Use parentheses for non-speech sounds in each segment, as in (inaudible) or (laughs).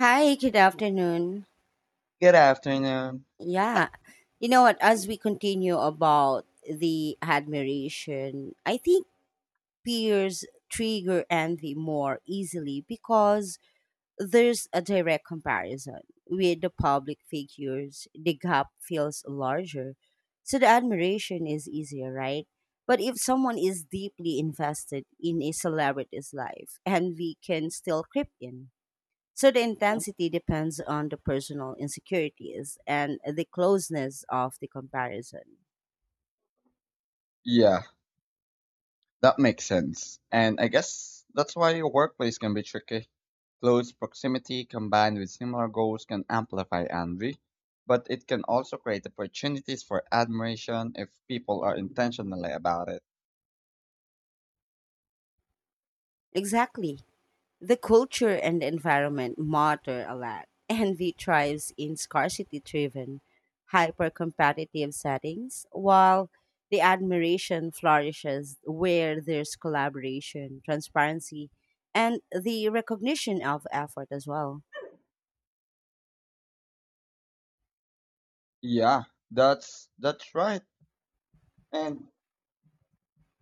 Hi, good afternoon. Good afternoon. Yeah, you know what? As we continue about the admiration, I think peers trigger envy more easily because there's a direct comparison with the public figures. The gap feels larger, so the admiration is easier, right? But if someone is deeply invested in a celebrity's life, envy can still creep in. So the intensity depends on the personal insecurities and the closeness of the comparison. Yeah, that makes sense. And I guess that's why your workplace can be tricky. Close proximity combined with similar goals can amplify envy, but it can also create opportunities for admiration if people are intentionally about it. Exactly. The culture and the environment matter a lot. (laughs) Envy thrives in scarcity driven, hyper competitive settings, while the admiration flourishes where there's collaboration, transparency, and the recognition of effort as well. Yeah, that's right. And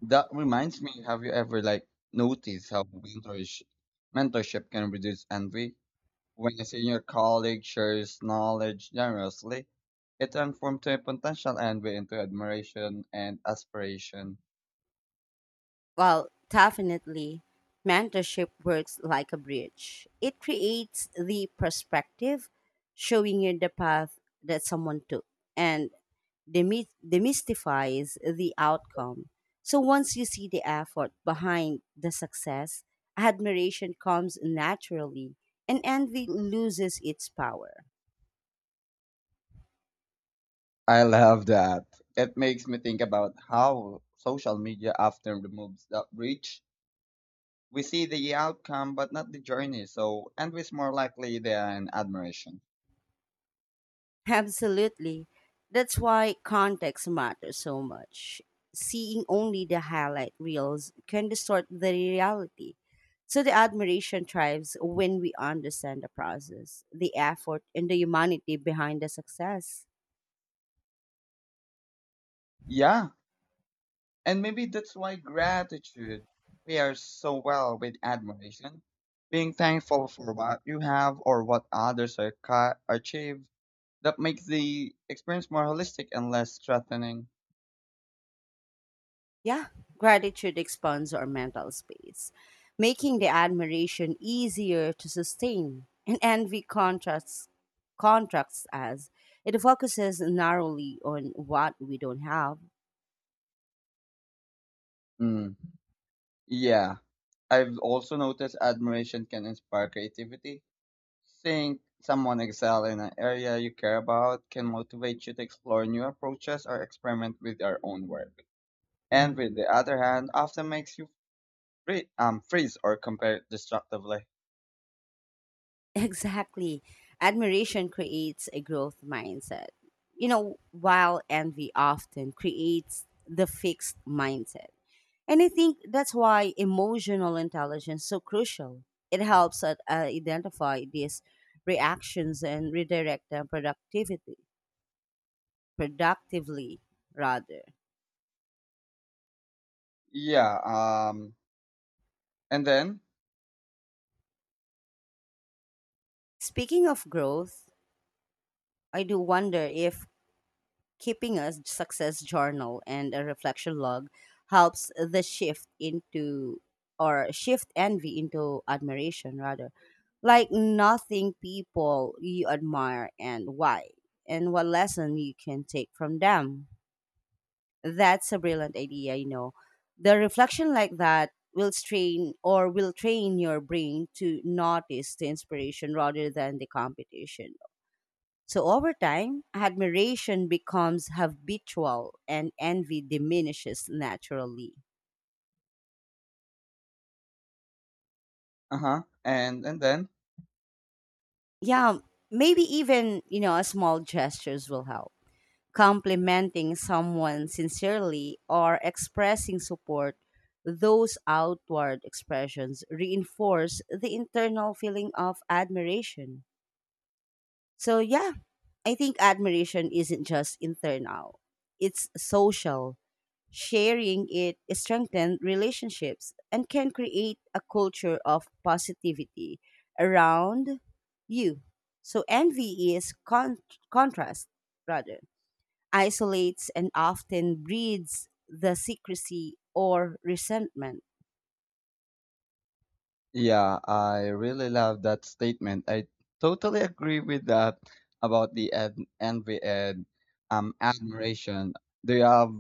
that reminds me, have you ever noticed how mentorship can reduce envy? When a senior colleague shares knowledge generously, it transforms to a potential envy into admiration and aspiration. Well, definitely. Mentorship works like a bridge. It creates the perspective, showing you the path that someone took, and demystifies the outcome. So once you see the effort behind the success, admiration comes naturally, and envy loses its power. I love that. It makes me think about how social media often removes that reach. We see the outcome but not the journey, so envy is more likely than admiration. Absolutely. That's why context matters so much. Seeing only the highlight reels can distort the reality. So the admiration thrives when we understand the process, the effort, and the humanity behind the success. Yeah, and maybe that's why gratitude pairs so well with admiration. Being thankful for what you have or what others are achieve. That makes the experience more holistic and less threatening. Yeah, gratitude expands our mental space, making the admiration easier to sustain. And envy contrasts contracts as it focuses narrowly on what we don't have. Mm. Yeah. I've also noticed admiration can inspire creativity. Seeing someone excel in an area you care about can motivate you to explore new approaches or experiment with your own work. And with the other hand, often makes you freeze or compare destructively. Exactly. Admiration creates a growth mindset. You know, while envy often creates the fixed mindset. And I think that's why emotional intelligence is so crucial. It helps us identify these reactions and redirect them productivity, productively rather. Yeah. Um. And then, Speaking of growth, I do wonder if keeping a success journal and a reflection log helps the shift into or shift envy into admiration rather, like nothing people you admire and why and what lesson you can take from them. That's a brilliant idea, you know, the reflection like that will strain or will train your brain to notice the inspiration rather than the competition. So over time, admiration becomes habitual and envy diminishes naturally. uh huh. And then Yeah, maybe even, you know, small gestures will help. Complimenting someone sincerely or expressing support, those outward expressions reinforce the internal feeling of admiration. So, yeah, I think admiration isn't just internal, it's social. Sharing it strengthens relationships and can create a culture of positivity around you. So envy is contrast rather isolates and often breeds the secrecy or resentment. Yeah, I really love that statement. I totally agree with that about the envy and admiration. Do you have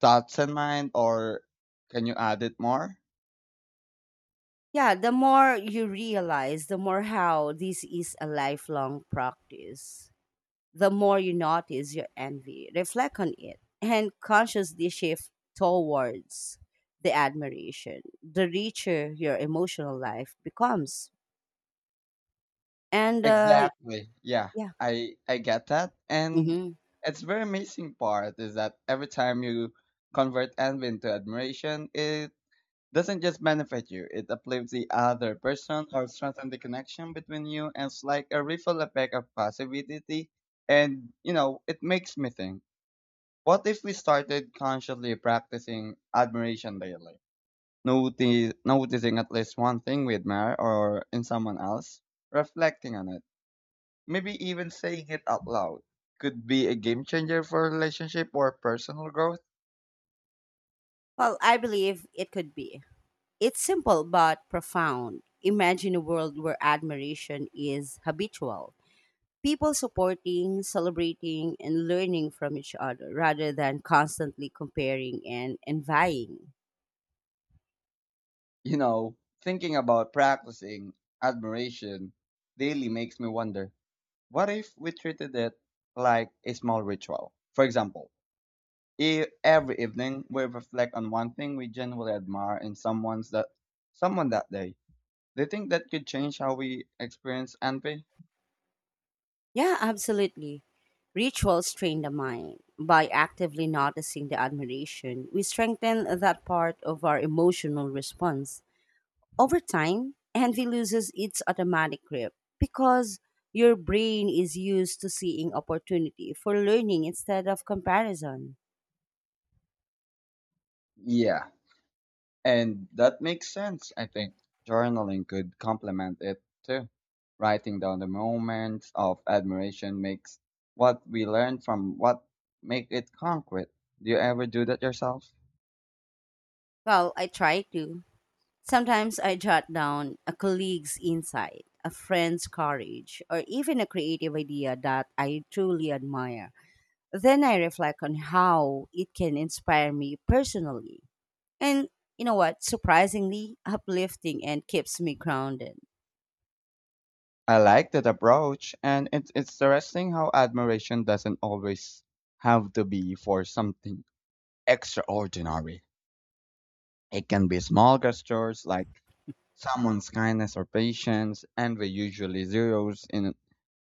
thoughts in mind, or can you add it more? Yeah, the more you realize, the more how this is a lifelong practice. The more you notice your envy, reflect on it, and consciously shift towards the admiration, the richer your emotional life becomes. And Exactly. Yeah, yeah, I get that, and hmm, it's very amazing part is that every time you convert envy into admiration, it doesn't just benefit you, it uplifts the other person or strengthens the connection between you. And it's like a ripple effect of positivity. And, you know, it makes me think what if we started consciously practicing admiration daily? Noticing at least one thing we admire or in someone else, reflecting on it, maybe even saying it out loud could be a game changer for relationship or personal growth. well, I believe it could be. It's simple but profound. Imagine a world where admiration is habitual. People supporting, celebrating, and learning from each other rather than constantly comparing and envying. You know, thinking about practicing admiration daily makes me wonder what if we treated it like a small ritual? For example, if every evening we reflect on one thing we genuinely admire in someone that day. Do you think that could change how we experience envy? Yeah, absolutely. Rituals train the mind. By actively noticing the admiration, we strengthen that part of our emotional response. Over time, envy loses its automatic grip because your brain is used to seeing opportunity for learning instead of comparison. Yeah, and that makes sense, I think. Journaling could complement it too. Writing down the moments of admiration makes what we learn from what make it concrete. Do you ever do that yourself? Well, I try to. Sometimes I jot down a colleague's insight, a friend's courage, or even a creative idea that I truly admire. Then I reflect on how it can inspire me personally. And you know what? Surprisingly uplifting and keeps me grounded. I like that approach, and it's interesting how admiration doesn't always have to be for something extraordinary. It can be small gestures like someone's kindness or patience, and we usually zeroes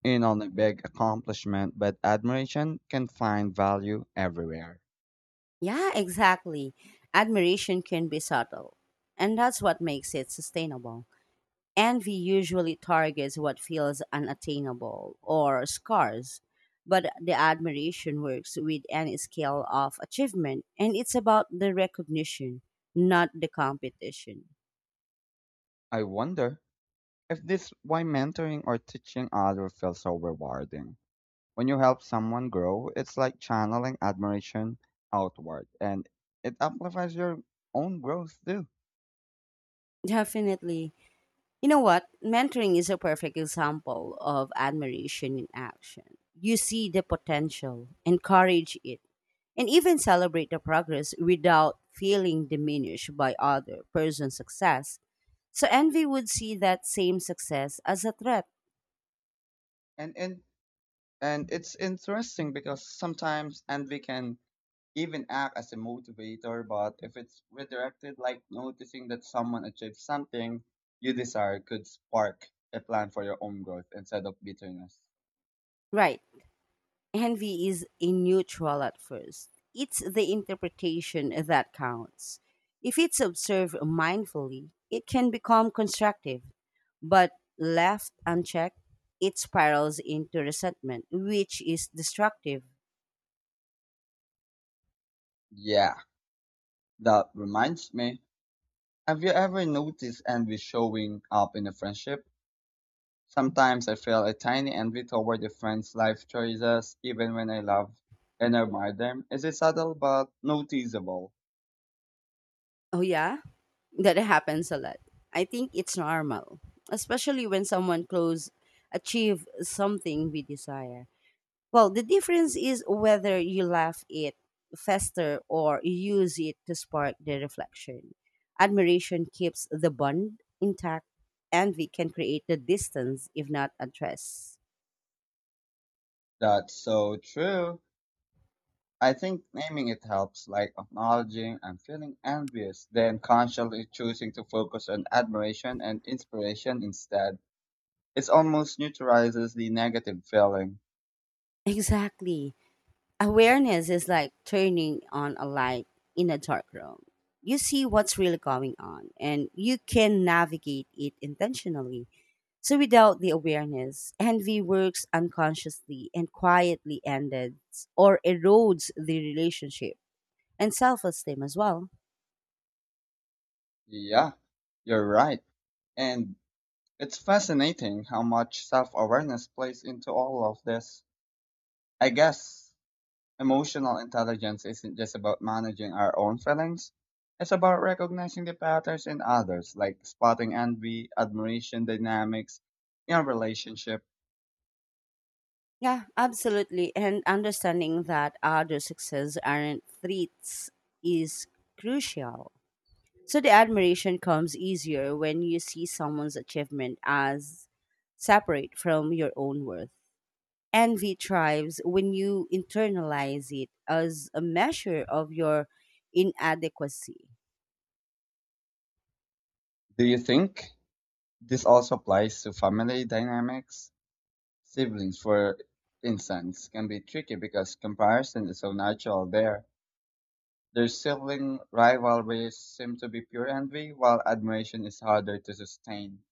in on a big accomplishment, but admiration can find value everywhere. Yeah, exactly. Admiration can be subtle, and that's what makes it sustainable. Envy usually targets what feels unattainable or scars, but the admiration works with any scale of achievement, and it's about the recognition, not the competition. I wonder if this why mentoring or teaching others feels so rewarding. When you help someone grow, it's like channeling admiration outward and it amplifies your own growth too. Definitely. You know what? Mentoring is a perfect example of admiration in action. You see the potential, encourage it, and even celebrate the progress without feeling diminished by other person's success. So envy would see that same success as a threat. And and and it's interesting because sometimes envy can even act as a motivator, but if it's redirected like noticing that someone achieved something you desire could spark a plan for your own growth instead of bitterness. Right. Envy is a neutral at first. It's the interpretation that counts. If it's observed mindfully, it can become constructive, but left unchecked, it spirals into resentment, which is destructive. Yeah, that reminds me. Have you ever noticed envy showing up in a friendship? Sometimes I feel a tiny envy toward the friends' life choices, even when I love and admire them. It's a subtle but noticeable. Oh, yeah? That happens a lot. I think it's normal, especially when someone close achieve something we desire. Well, the difference is whether you laugh it fester or use it to spark the reflection. Admiration keeps the bond intact. Envy can create the distance if not address. That's so true. I think naming it helps, like acknowledging I'm feeling envious, then consciously choosing to focus on admiration and inspiration instead. It almost neutralizes the negative feeling. (laughs) Exactly. Awareness is like turning on a light in a dark room. You see what's really going on and you can navigate it intentionally. So without the awareness, envy works unconsciously and quietly ends or erodes the relationship and self esteem as well. Yeah, you're right. And it's fascinating how much self awareness plays into all of this. I guess emotional intelligence isn't just about managing our own feelings. It's about recognizing the patterns in others, like spotting envy, admiration dynamics in a relationship. Yeah, absolutely. And understanding that other success aren't threats is crucial. So the admiration comes easier when you see someone's achievement as separate from your own worth. Envy thrives when you internalize it as a measure of your inadequacy. Do you think this also applies to family dynamics? Siblings, for instance, can be tricky because comparison is so natural there. Their sibling rivalries seem to be pure envy, while admiration is harder to sustain.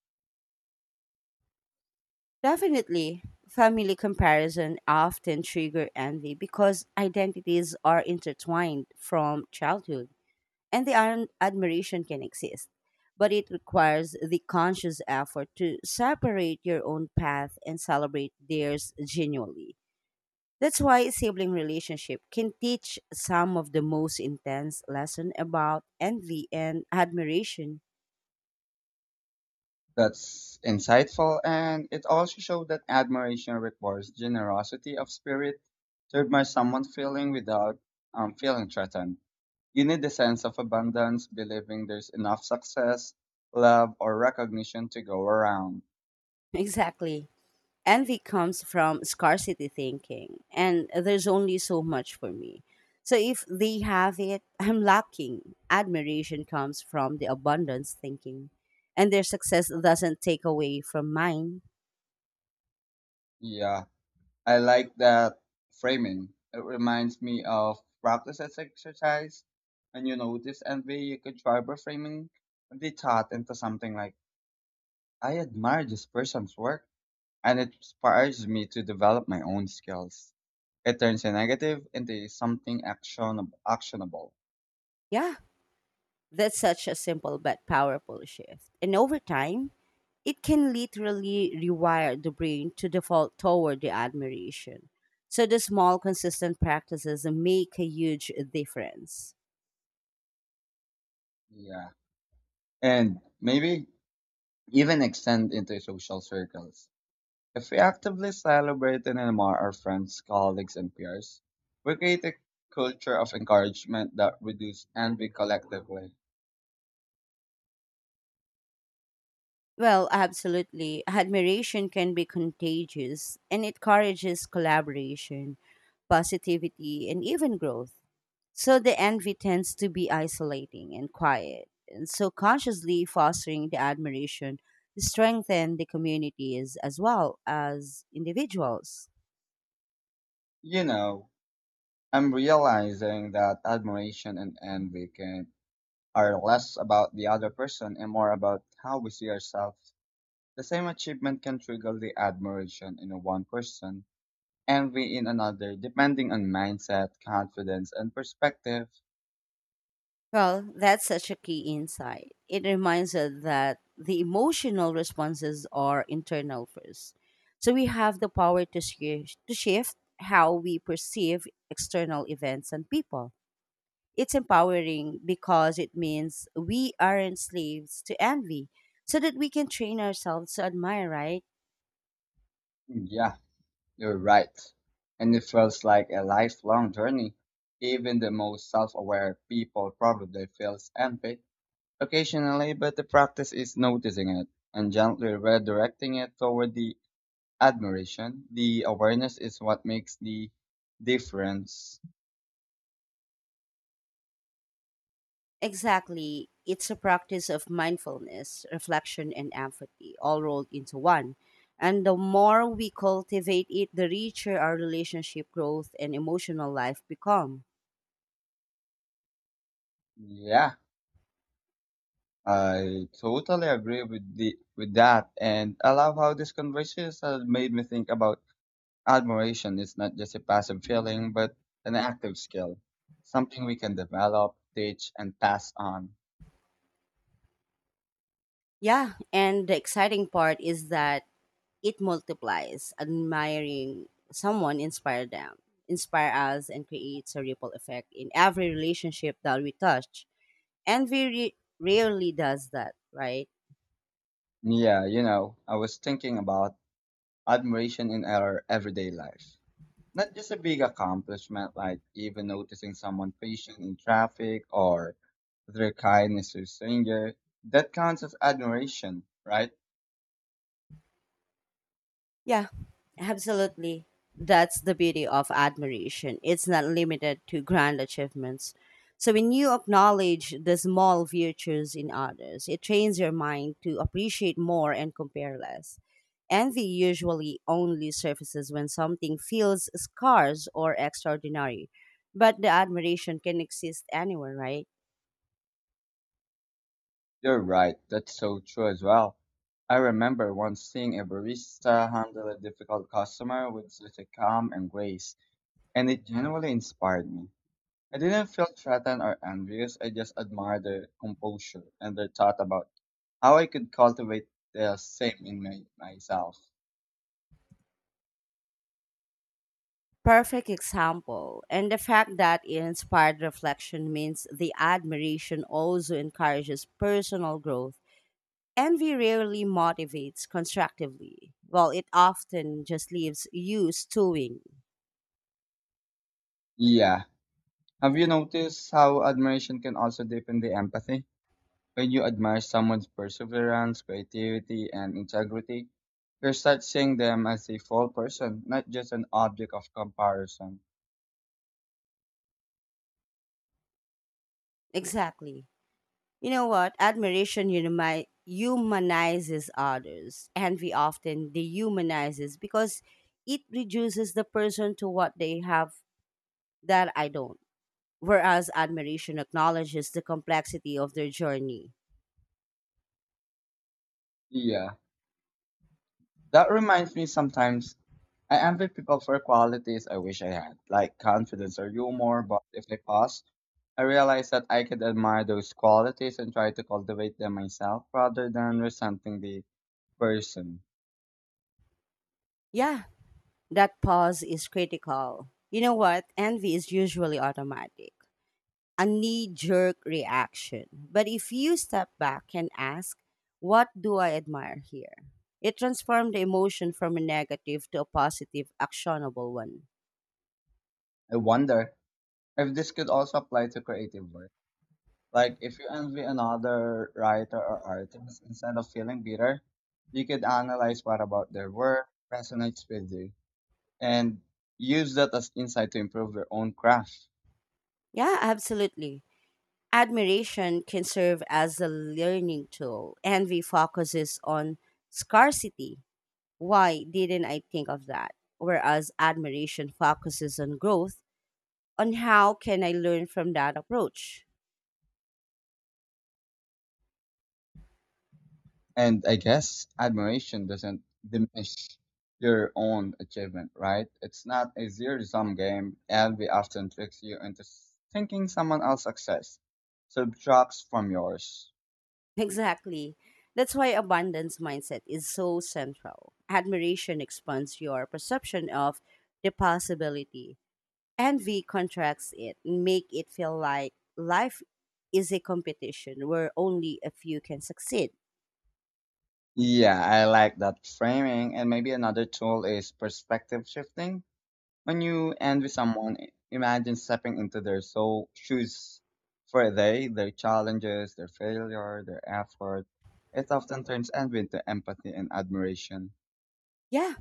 Definitely, family comparison often trigger envy because identities are intertwined from childhood, and the iron admiration can exist. But it requires the conscious effort to separate your own path and celebrate theirs genuinely. That's why sibling relationship can teach some of the most intense lesson about envy and admiration. (laughs) That's insightful, and it also showed that admiration requires generosity of spirit to admire someone feeling without feeling threatened. You need the sense of abundance, believing there's enough success, love, or recognition to go around. Exactly. Envy comes from scarcity thinking, and there's only so much for me, so if they have it, I'm lacking. Admiration comes from the abundance thinking, and their success doesn't take away from mine. Yeah, I like that framing. It reminds me of practice as exercise. When you notice envy, you could try by framing the thought into something like, I admire this person's work and it inspires me to develop my own skills. It turns a negative into something actionable. Yeah, that's such a simple but powerful shift, and over time it can literally rewire the brain to default toward the admiration. So the small consistent practices make a huge difference. Yeah. And maybe even extend into social circles. If we actively celebrate and admire our friends, colleagues, and peers, we create a culture of encouragement that reduces envy collectively. Well, absolutely. Admiration can be contagious, and it encourages collaboration, positivity, and even growth. So the envy tends to be isolating and quiet. And so consciously fostering the admiration strengthen the communities as well as individuals. You know, I'm realizing that admiration and envy can are less about the other person and more about how we see ourselves. The same achievement can trigger the admiration in one person, envy in another, depending on mindset, confidence, and perspective. Well, that's such a key insight. It reminds us that the emotional responses are internal first. So we have the power to, shift how we perceive external events and people. It's empowering because it means we aren't slaves to envy, so that we can train ourselves to admire, right? Hmm, yeah, you're right. And it feels like a lifelong journey. Even the most self-aware people probably feels envy occasionally, but the practice is noticing it and gently redirecting it toward the admiration. The awareness is what makes the difference. Exactly. It's a practice of mindfulness, reflection, and empathy, all rolled into one. And the more we cultivate it, the richer our relationship growth and emotional life become. Yeah. I totally agree with the with that, and I love how this conversation has made me think about admiration. It's not just a passive feeling, but an active skill, something we can develop, teach, and pass on. Yeah, and the exciting part is that it multiplies. Admiring someone inspire them, inspire us, and creates a ripple effect in every relationship that we touch. Envy rarely does that, right? Yeah, you know, I was thinking about admiration in our everyday life, not just a big accomplishment like even noticing someone patient in traffic or their kindness to a stranger. That counts as admiration, right? Yeah, absolutely. That's the beauty of admiration. It's not limited to grand achievements. So when you acknowledge the small virtues in others, it trains your mind to appreciate more and compare less. Envy usually only surfaces when something feels scarce or extraordinary, but the admiration can exist anywhere, right? You're right, that's so true as well. I remember once seeing a barista handle a difficult customer with such a calm and grace, and it genuinely inspired me. I didn't feel threatened or envious, I just admired their composure and their thought about how I could cultivate the same in myself. Perfect example. And the fact that it inspired reflection means the admiration also encourages personal growth. Envy rarely motivates constructively, while it often just leaves you stewing. Yeah. Have you noticed how admiration can also deepen the empathy? When you admire someone's perseverance, creativity, and integrity, you're start seeing them as a full person, not just an object of comparison. Exactly. You know what? Admiration humanizes others. Envy often dehumanizes because it reduces the person to what they have that I don't. Whereas admiration acknowledges the complexity of their journey. Yeah. That reminds me sometimes I envy people for qualities I wish I had, like confidence or humor, but if I pause, I realize that I could admire those qualities and try to cultivate them myself rather than resenting the person. Yeah, that pause is critical. You know what? Envy is usually automatic, a knee jerk reaction. But if you step back and ask, what do I admire here? It transformed the emotion from a negative to a positive, actionable one. I wonder if this could also apply to creative work. Like if you envy another writer or artist, instead of feeling bitter, you could analyze what about their work resonates with you and use that as insight to improve your own craft. Yeah, absolutely. Admiration can serve as a learning tool. Envy focuses on scarcity. Why didn't I think of that? Whereas admiration focuses on growth, on how can I learn from that approach? (laughs) And I guess admiration doesn't diminish your own achievement, right? It's not a zero sum game. Envy often tricks you into thinking someone else's success subtracts from yours. Exactly. That's why abundance mindset is so central. Admiration expands your perception of the possibility. Envy contracts it, make it feel like life is a competition where only a few can succeed. Yeah, I like that framing. And maybe another tool is perspective shifting. When you envy someone, imagine stepping into their soul shoes for a day, their challenges, their failure, their effort. It often turns envy into empathy and admiration. Yeah,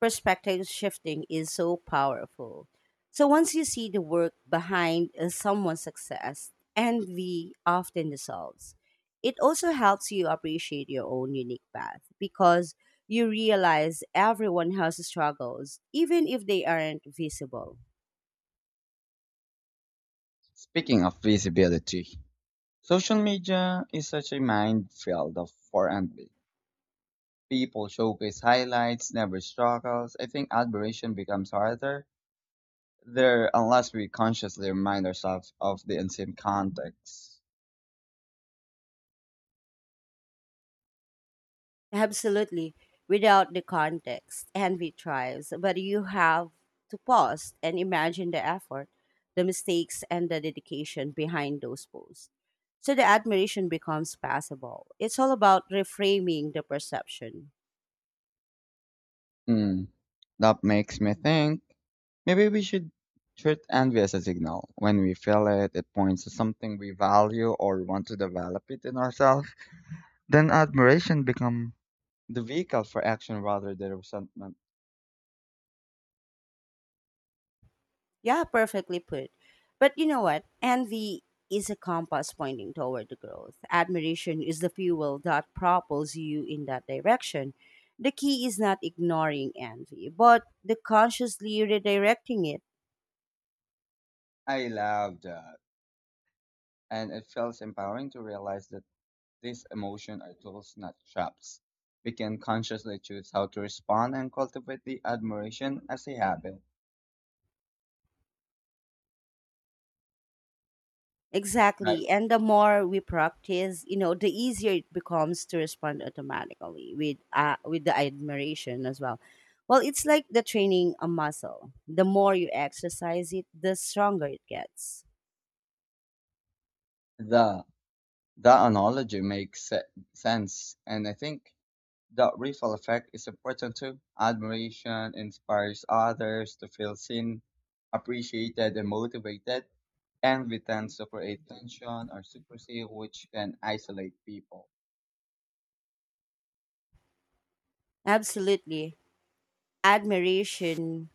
perspective shifting is so powerful. So once you see the work behind someone's success, envy often dissolves. It also helps you appreciate your own unique path because you realize everyone has struggles, even if they aren't visible. Speaking of visibility, social media is such a minefield of for envy. People showcase highlights, never struggles. I think admiration becomes harder there unless we consciously remind ourselves of the unseen context. Absolutely. Without the context, envy thrives, but you have to pause and imagine the effort, the mistakes, and the dedication behind those posts. So the admiration becomes passable. It's all about reframing the perception. Hmm, that makes me think. Maybe we should treat envy as a signal. When we feel it, it points to something we value or want to develop it in ourselves. Then admiration becomes the vehicle for action rather than resentment. Yeah, perfectly put. But you know what? Envy is a compass pointing toward the growth. Admiration is the fuel that propels you in that direction. The key is not ignoring envy, but the consciously redirecting it. I love that. And it feels empowering to realize that these emotions are tools, not traps. We can consciously choose how to respond and cultivate the admiration as a habit, right? Exactly. And the more we practice, you know, the easier it becomes to respond automatically with the admiration as well. Well, it's like the training a muscle. The more you exercise it, the stronger it gets. The the analogy makes sense, and I think the ripple effect is important too. Admiration inspires others to feel seen, appreciated, and motivated. Envy tends to create tension or secrecy, which can isolate people. Absolutely. Admiration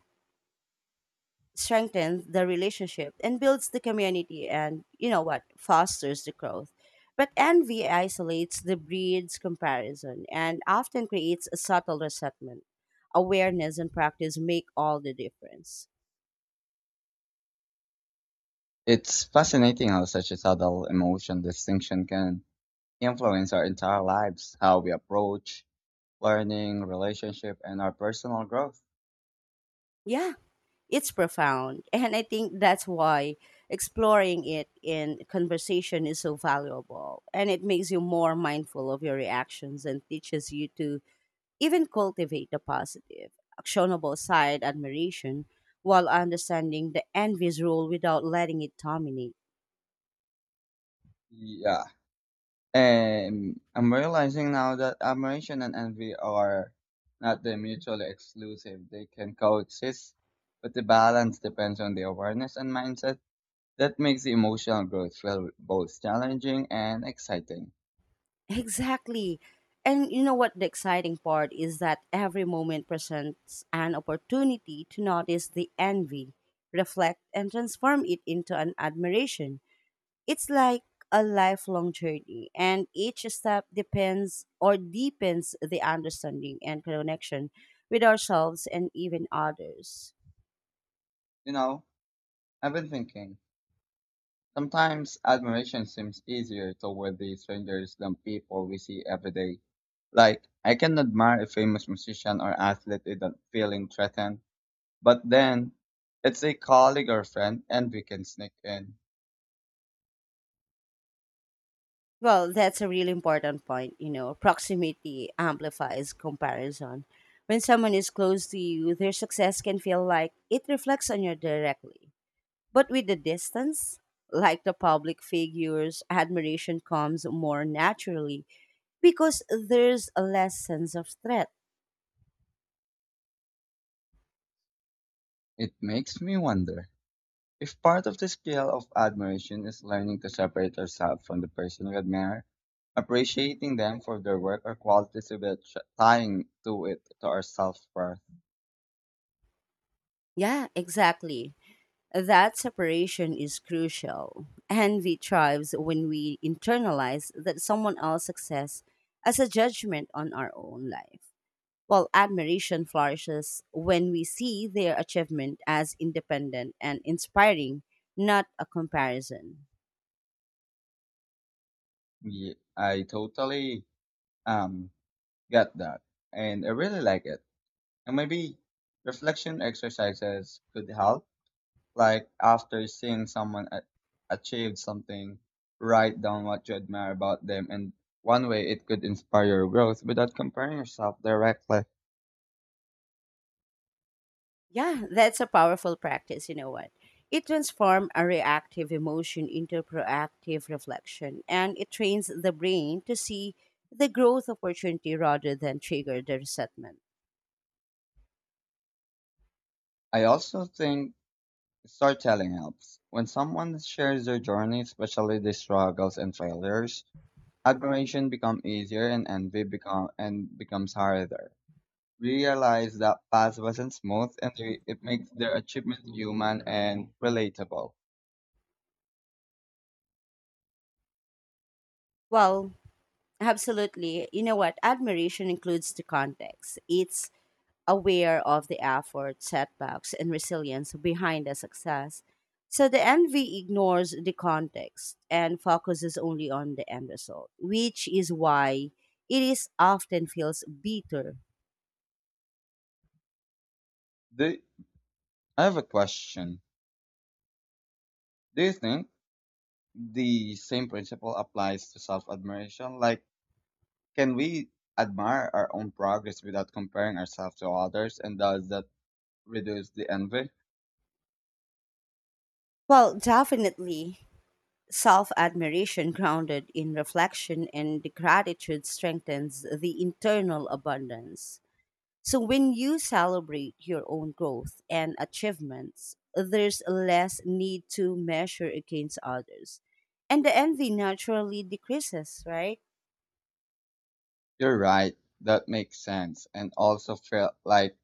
strengthens the relationship and builds the community, and you know what, fosters the growth. But envy isolates the breeds comparison and often creates a subtle resentment. Awareness and practice make all the difference. It's fascinating how such a subtle emotion distinction can influence our entire lives, how we approach learning, relationship, and our personal growth. Yeah, it's profound. (laughs) And I think that's why exploring it in conversation is so valuable, and it makes you more mindful of your reactions and teaches you to even cultivate the positive, actionable side admiration while understanding the envy's rule without letting it dominate. (laughs) Yeah, I'm realizing now that admiration and envy are not the mutually exclusive. They can coexist, but the balance depends on the awareness and mindset that makes the emotional growth feel both challenging and exciting. Exactly. And you know what, the exciting part is that every moment presents an opportunity to notice the envy, reflect, and transform it into an admiration. It's like a lifelong journey, and each step depends or deepens the understanding and connection with ourselves and even others. You know, I've been thinking, sometimes admiration seems easier toward the strangers than people we see every day. Like, I can admire a famous musician or athlete without feeling threatened. But then, it's a colleague or friend and we can sneak in. Well, that's a really important point. You know, proximity amplifies comparison. When someone is close to you, their success can feel like it reflects on you directly. But with the distance, like the public figures, admiration comes more naturally because there's a less sense of threat. It makes me wonder if part of the skill of admiration is learning to separate ourselves from the person we admire, appreciating them for their work or qualities without tying to it to our self-worth. Yeah, exactly. That separation is crucial. Envy thrives when we internalize that someone else's success as a judgment on our own life. Well, admiration flourishes when we see their achievement as independent and inspiring, not a comparison. I totally um get that, and I really like it. And maybe reflection exercises could help. Like after seeing someone achieve something, write down what you admire about them, and one way it could inspire your growth without comparing yourself directly. Yeah, that's a powerful practice, you know what? It transforms a reactive emotion into proactive reflection, and it trains the brain to see the growth opportunity rather than trigger the resentment. I also think storytelling helps. When someone shares their journey, especially their struggles and failures, admiration becomes easier and envy becomes harder. Realize that path wasn't smooth, and they, it makes their achievement human and relatable. Well, absolutely. You know what? Admiration includes the context. It's aware of the effort, setbacks, and resilience behind the success. So the envy ignores the context and focuses only on the end result, which is why it is often feels bitter. Do, I have a question. Do you think the same principle applies to self admiration. Like, can we admire our own progress without comparing ourselves to others? And does that reduce the envy? Well, definitely, self admiration grounded in reflection and gratitude strengthens the internal abundance. So when you celebrate your own growth and achievements, there's less need to measure against others. And the envy naturally decreases, right? You're right. That makes sense. And also feel like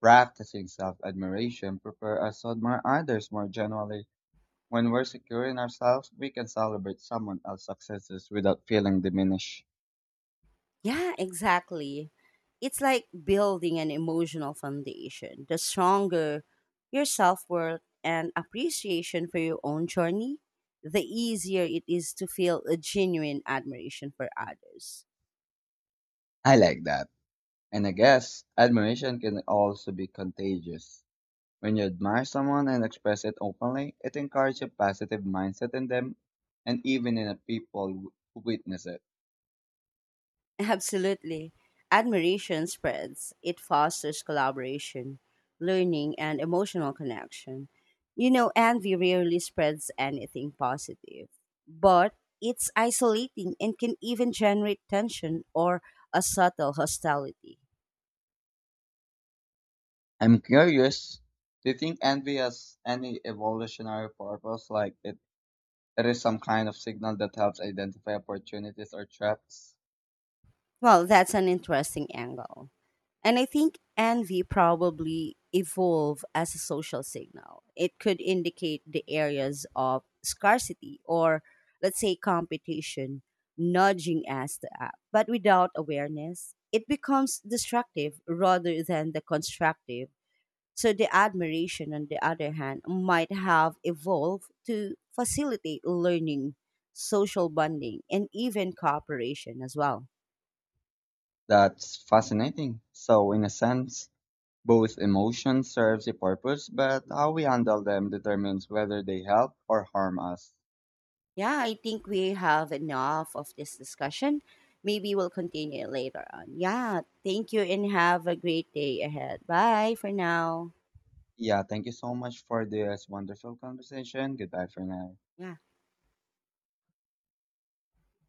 practicing self admiration prepare us to admire others more generally. When we're secure in ourselves, we can celebrate someone else's successes without feeling diminished. Yeah, exactly. It's like building an emotional foundation. The stronger your self worth and appreciation for your own journey, the easier it is to feel a genuine admiration for others. I like that. And I guess admiration can also be contagious. When you admire someone and express it openly, it encourages a positive mindset in them and even in the people who witness it. Absolutely. Admiration spreads, it fosters collaboration, learning, and emotional connection. You know, envy rarely spreads anything positive, but it's isolating and can even generate tension or a subtle hostility. I'm curious, do you think envy has any evolutionary purpose? Like it is some kind of signal that helps identify opportunities or traps? Well, that's an interesting angle. And I think envy probably evolved as a social signal. It could indicate the areas of scarcity or, let's say, competition, nudging us to act. But without awareness, it becomes destructive rather than the constructive. So the admiration, on the other hand, might have evolved to facilitate learning, social bonding, and even cooperation as well. That's fascinating. So in a sense, both emotions serves a purpose, but how we handle them determines whether they help or harm us. Yeah, I think we have enough of this discussion. Maybe we'll continue later on. Yeah, thank you and have a great day ahead. Bye for now. Yeah, thank you so much for this wonderful conversation. Goodbye for now. Yeah.